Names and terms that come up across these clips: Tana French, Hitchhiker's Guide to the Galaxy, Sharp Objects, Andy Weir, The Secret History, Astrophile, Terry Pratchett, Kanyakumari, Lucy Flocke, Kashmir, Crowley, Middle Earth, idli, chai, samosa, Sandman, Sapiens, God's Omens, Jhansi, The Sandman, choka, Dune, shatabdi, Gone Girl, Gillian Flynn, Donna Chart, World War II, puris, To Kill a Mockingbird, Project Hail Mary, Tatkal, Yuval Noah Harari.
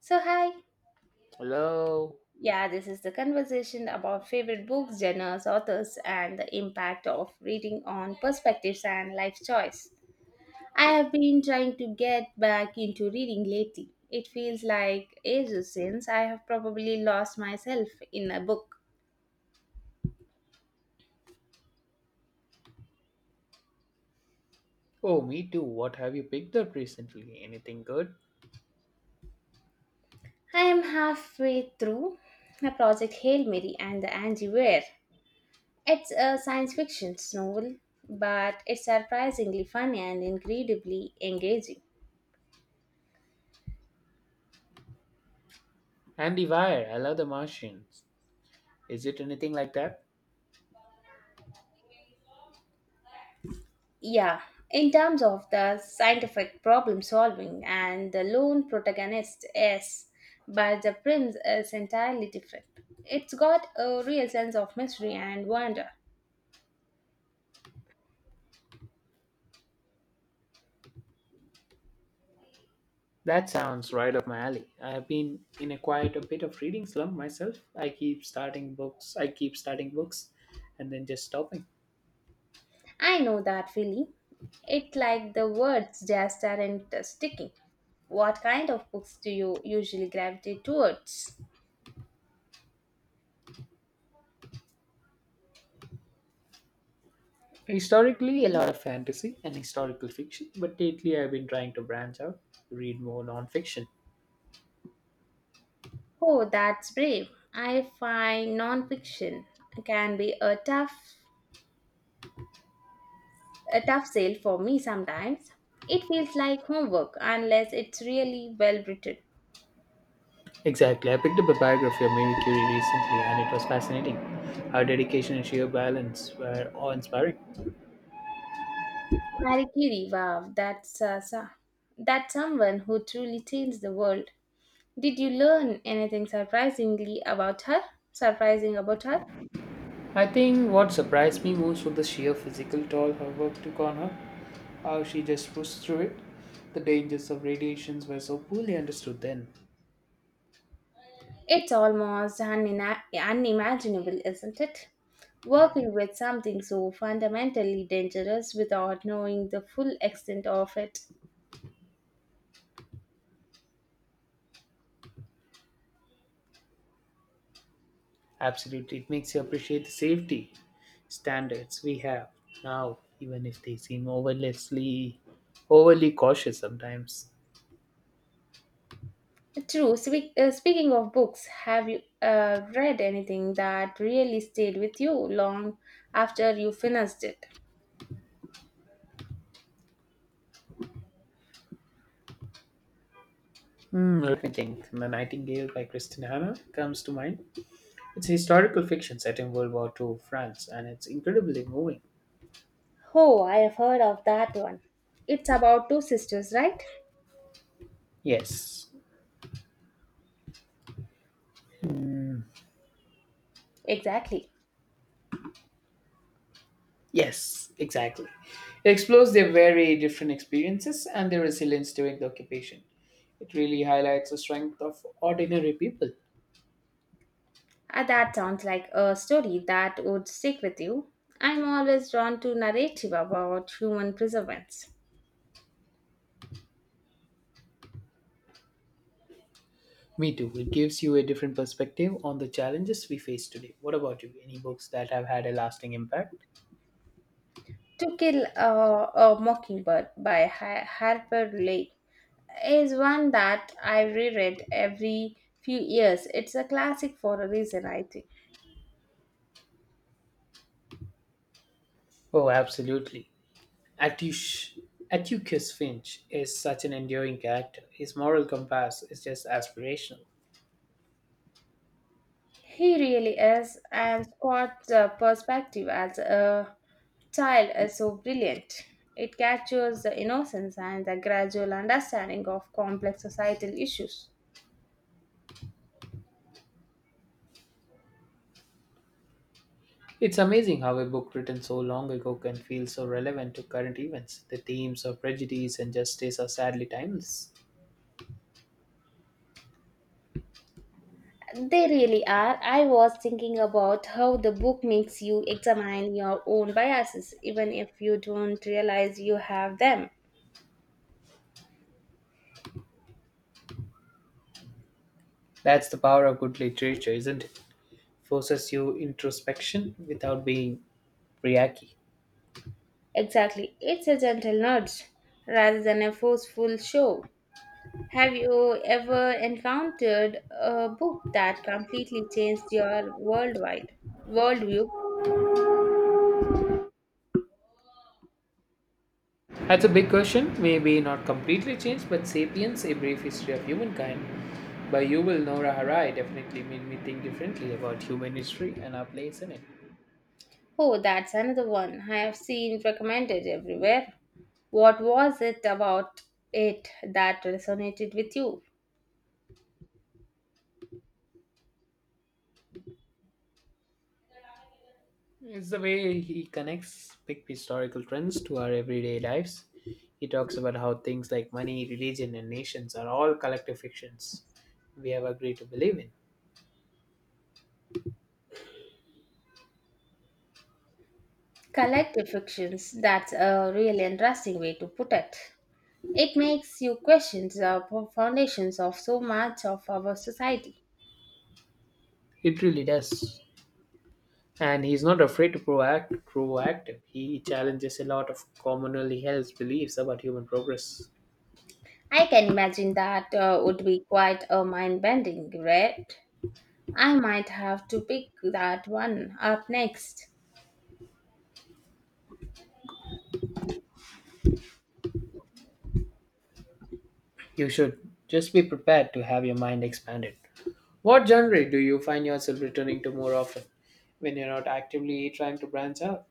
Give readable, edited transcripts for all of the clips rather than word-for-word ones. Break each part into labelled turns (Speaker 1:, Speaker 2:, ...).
Speaker 1: So, hi.
Speaker 2: Hello.
Speaker 1: Yeah, this is the conversation about favorite books, genres, authors, and the impact of reading on perspectives and life choice. I have been trying to get back into reading lately. It feels like ages since I have probably lost myself in a book.
Speaker 2: Oh, me too. What have you picked up recently? Anything good?
Speaker 1: I am halfway through a project Hail Mary and the Angie Ware. It's a science fiction novel, but it's surprisingly funny and incredibly engaging.
Speaker 2: Andy Weir. I love The Martians. Is it anything like that?
Speaker 1: Yeah, in terms of the scientific problem solving and the lone protagonist, yes, but the prince is entirely different. It's got a real sense of mystery and wonder.
Speaker 2: That sounds right up my alley. I have been in a quite a bit of reading slump myself. I keep starting books. And then just stopping.
Speaker 1: I know that feeling. It's like the words just aren't sticking. What kind of books do you usually gravitate towards?
Speaker 2: Historically, a lot of fantasy and historical fiction, but lately I've been trying to branch out, read more non-fiction.
Speaker 1: Oh, that's brave. I find nonfiction can be a tough sale for me sometimes. It feels like homework unless it's really well written.
Speaker 2: Exactly. I picked up a biography of Marie Curie recently and it was fascinating. Her dedication and sheer balance were awe inspiring.
Speaker 1: Marie Curie, wow, that's someone who truly changed the world. Did you learn anything surprisingly about her? Surprising about her?
Speaker 2: I think what surprised me most was the sheer physical toll her work took on her, how she just pushed through it. The dangers of radiations were so poorly understood then.
Speaker 1: It's almost unimaginable, isn't it?
Speaker 2: Yeah.
Speaker 1: Working with something so fundamentally dangerous without knowing the full extent of it.
Speaker 2: Absolutely. It makes you appreciate the safety standards we have now, even if they seem overly cautious sometimes.
Speaker 1: True. Speaking of books, have you read anything that really stayed with you long after you finished it?
Speaker 2: Hmm, let me think. The Nightingale by Christine Hanna comes to mind. It's a historical fiction set in World War II France, and it's incredibly moving.
Speaker 1: Oh, I have heard of that one. It's about two sisters, right?
Speaker 2: Yes,
Speaker 1: Exactly.
Speaker 2: yes, exactly. It explores their very different experiences and their resilience during the occupation. It really highlights the strength of ordinary people.
Speaker 1: That sounds like a story that would stick with you. I'm always drawn to narrative about human perseverance.
Speaker 2: Me too. It gives you a different perspective on the challenges we face today. What about you? Any books that have had a lasting impact?
Speaker 1: To Kill a Mockingbird by Harper Lee is one that I reread every few years. It's a classic for a reason, I think.
Speaker 2: Oh, absolutely. Attush, Atticus Finch is such an enduring character. His moral compass is just aspirational.
Speaker 1: He really is, and Scott's perspective as a child is so brilliant. It captures the innocence and the gradual understanding of complex societal issues.
Speaker 2: It's amazing how a book written so long ago can feel so relevant to current events. The themes of prejudice and justice are sadly timeless.
Speaker 1: They really are. I was thinking about how the book makes you examine your own biases, even if you don't realize you have them.
Speaker 2: That's the power of good literature, isn't it? Forces you introspection without being reachy.
Speaker 1: Exactly. It's a gentle nudge rather than a forceful show. Have you ever encountered a book that completely changed your worldwide worldview?
Speaker 2: That's a big question. Maybe not completely changed, but Sapiens, A Brief History of Humankind by Yuval Noah Harari definitely made me think differently about human history and our place in it.
Speaker 1: Oh, that's another one I have seen recommended everywhere. What was it about it that resonated with you?
Speaker 2: It's the way he connects big historical trends to our everyday lives. He talks about how things like money, religion, and nations are all collective fictions we have agreed to believe in.
Speaker 1: Collective fictions, that's a really interesting way to put it. It makes you question the foundations of so much of our society.
Speaker 2: It really does. And he's not afraid to proactive. He challenges a lot of commonly held beliefs about human progress.
Speaker 1: I can imagine that would be quite a mind bending read. I might have to pick that one up next.
Speaker 2: You should just be prepared to have your mind expanded. What genre do you find yourself returning to more often when you're not actively trying to branch out?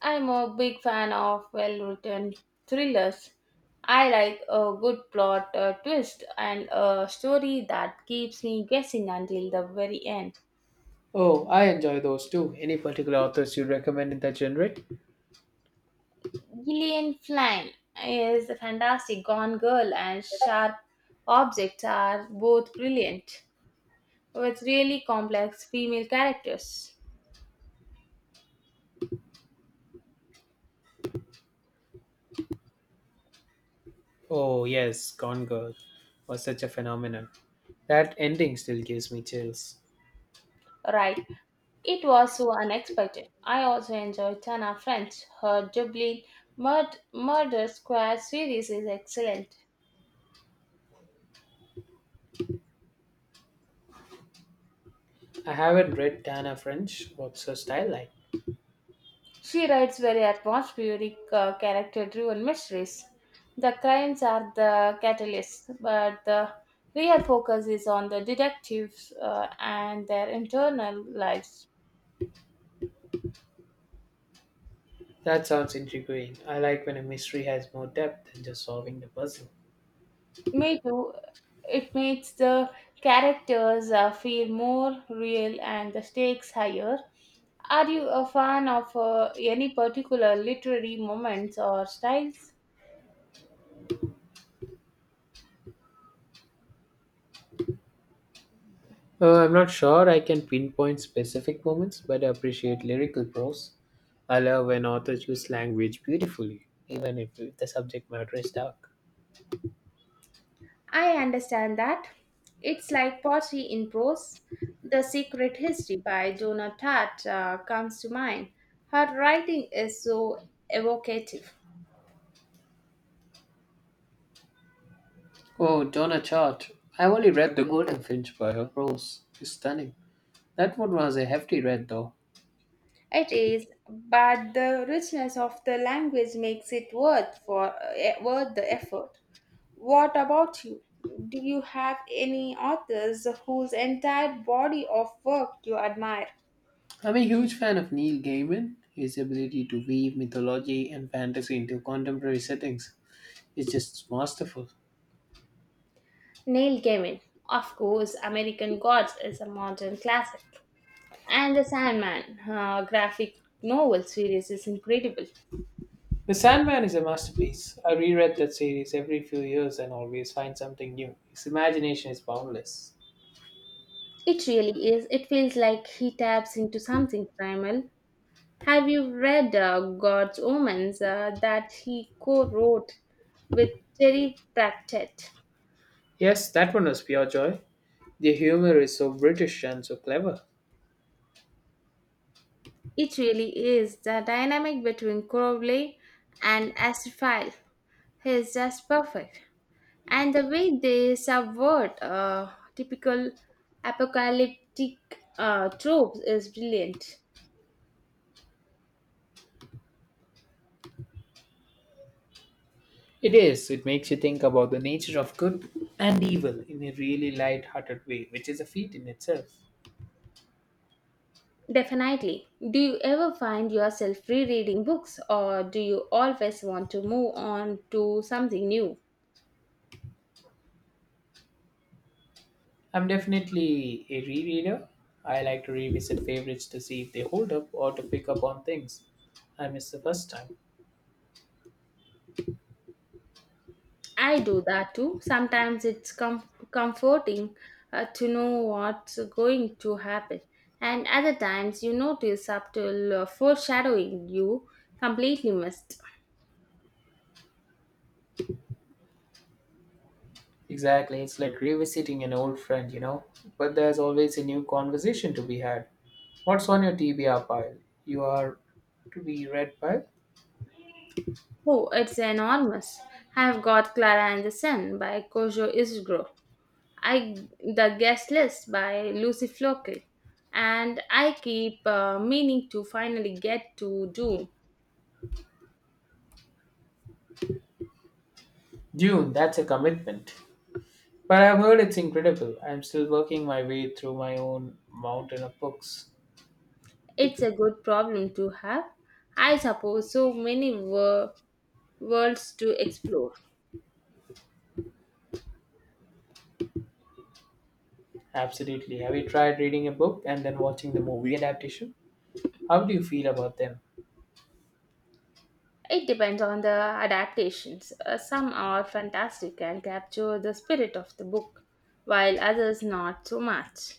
Speaker 1: I'm a big fan of well written thrillers. I like a good plot twist and a story that keeps me guessing until the very end.
Speaker 2: Oh, I enjoy those too. Any particular authors you'd recommend in that genre?
Speaker 1: Gillian Flynn is a fantastic. Gone Girl and Sharp Objects are both brilliant, with really complex female characters.
Speaker 2: Oh, yes, Gone Girl was such a phenomenon. That ending still gives me chills.
Speaker 1: Right. It was so unexpected. I also enjoyed Tana French. Her Dublin Murder Squad series is excellent.
Speaker 2: I haven't read Tana French. What's her style like?
Speaker 1: She writes very atmospheric, character driven mysteries. The crimes are the catalyst, but the real focus is on the detectives and their internal lives.
Speaker 2: That sounds intriguing. I like when a mystery has more depth than just solving the puzzle.
Speaker 1: Me too, it makes the characters feel more real and the stakes higher. Are you a fan of any particular literary moments or styles?
Speaker 2: I'm not sure I can pinpoint specific moments, but I appreciate lyrical prose. I love when authors use language beautifully, even if the subject matter is dark.
Speaker 1: I understand that. It's like pottery in prose. The Secret History by Donna Tartt comes to mind. Her writing is so evocative.
Speaker 2: Oh, Donna Chart. I've only read The Golden Finch by her prose. Is stunning. That one was a hefty read, though.
Speaker 1: It is, but the richness of the language makes it worth the effort. What about you? Do you have any authors whose entire body of work you admire?
Speaker 2: I'm a huge fan of Neil Gaiman. His ability to weave mythology and fantasy into contemporary settings is just masterful.
Speaker 1: Neil Gaiman, of course, American Gods is a modern classic. And the Sandman graphic novel series is incredible.
Speaker 2: The Sandman is a masterpiece. I reread that series every few years and always find something new. His imagination is boundless.
Speaker 1: It really is. It feels like he taps into something primal. Have you read God's Omens that he co wrote with Terry Pratchett?
Speaker 2: Yes, that one was pure joy. The humor is so British and so clever.
Speaker 1: It really is. The dynamic between Crowley and Astrophile is just perfect. And the way they subvert typical apocalyptic tropes is brilliant.
Speaker 2: It is. It makes you think about the nature of good and evil in a really light-hearted way, which is a feat in itself.
Speaker 1: Definitely. Do you ever find yourself rereading books or do you always want to move on to something new?
Speaker 2: I'm definitely a rereader. I like to revisit favorites to see if they hold up or to pick up on things I missed the first time.
Speaker 1: I do that too. Sometimes comforting to know what's going to happen, and other times you notice subtle foreshadowing you completely missed.
Speaker 2: Exactly. It's like revisiting an old friend. But there's always a new conversation to be had. What's on your TBR pile? You are to be read by?
Speaker 1: Oh, it's enormous. I've got Clara and the Sun by Kojo Ishiguro. I the guest list by Lucy Flocke, and I keep meaning to finally get to do.
Speaker 2: Dune, that's a commitment. But I've heard it's incredible. I'm still working my way through my own mountain of books.
Speaker 1: It's a good problem to have. I suppose so many worlds to explore.
Speaker 2: Absolutely. Have you tried reading a book and then watching the movie adaptation? How do you feel about them?
Speaker 1: It depends on the adaptations. Some are fantastic and capture the spirit of the book, while others not so much.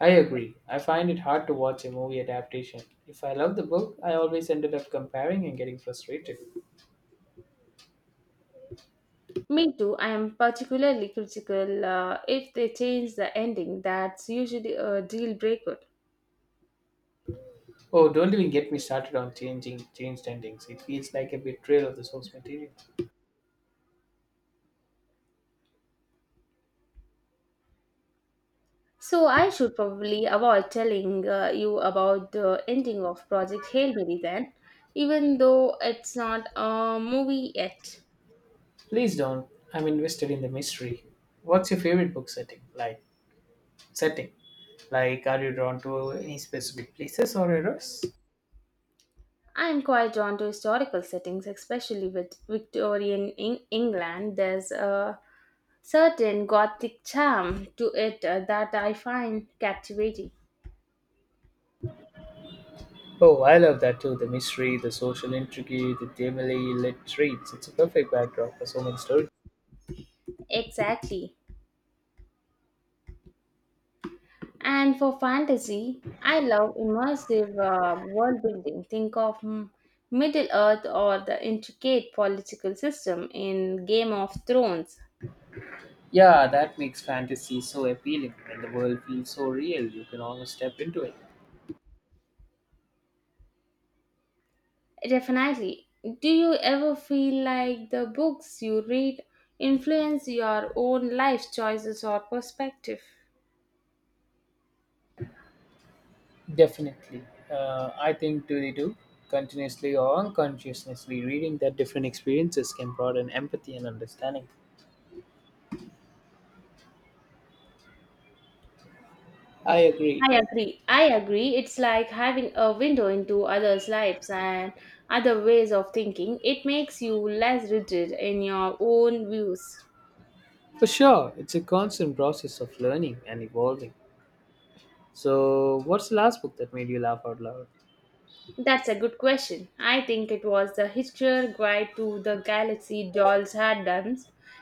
Speaker 2: I agree. I find it hard to watch a movie adaptation. If I love the book, I always ended up comparing and getting frustrated.
Speaker 1: Me too, I am particularly critical if they change the ending, that's usually a deal breaker.
Speaker 2: Oh, don't even get me started on changing changed endings. It feels like a betrayal of the source material.
Speaker 1: So I should probably avoid telling you about the ending of Project Hail Mary then, even though it's not a movie yet.
Speaker 2: Please don't. I'm invested in the mystery. What's your favorite book setting? Like setting. Like are you drawn to any specific places or eras?
Speaker 1: I am quite drawn to historical settings, especially with Victorian England. There's a certain Gothic charm to it that I find captivating.
Speaker 2: Oh, I love that too. The mystery, the social intrigue, the dimly lit streets. It's a perfect backdrop for so many stories.
Speaker 1: Exactly. And for fantasy, I love immersive world building. Think of Middle Earth or the intricate political system in Game of Thrones.
Speaker 2: Yeah, that makes fantasy so appealing and the world feels so real you can almost step into it.
Speaker 1: Definitely. Do you ever feel like the books you read influence your own life choices or perspective?
Speaker 2: Definitely. I think do they do continuously or unconsciously reading that different experiences can broaden empathy and understanding. I agree.
Speaker 1: I agree. It's like having a window into others' lives and other ways of thinking. It makes you less rigid in your own views.
Speaker 2: For sure, it's a constant process of learning and evolving. So, what's the last book that made you laugh out loud?
Speaker 1: That's a good question. I think it was the Hitchhiker's Guide to the Galaxy Dolls Had Done.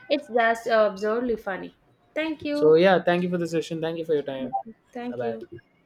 Speaker 1: It's just absurdly funny. Thank
Speaker 2: So,
Speaker 1: you.
Speaker 2: yeah, thank you for the session. Thank you for your time. Bye
Speaker 1: Thank you.
Speaker 2: bye.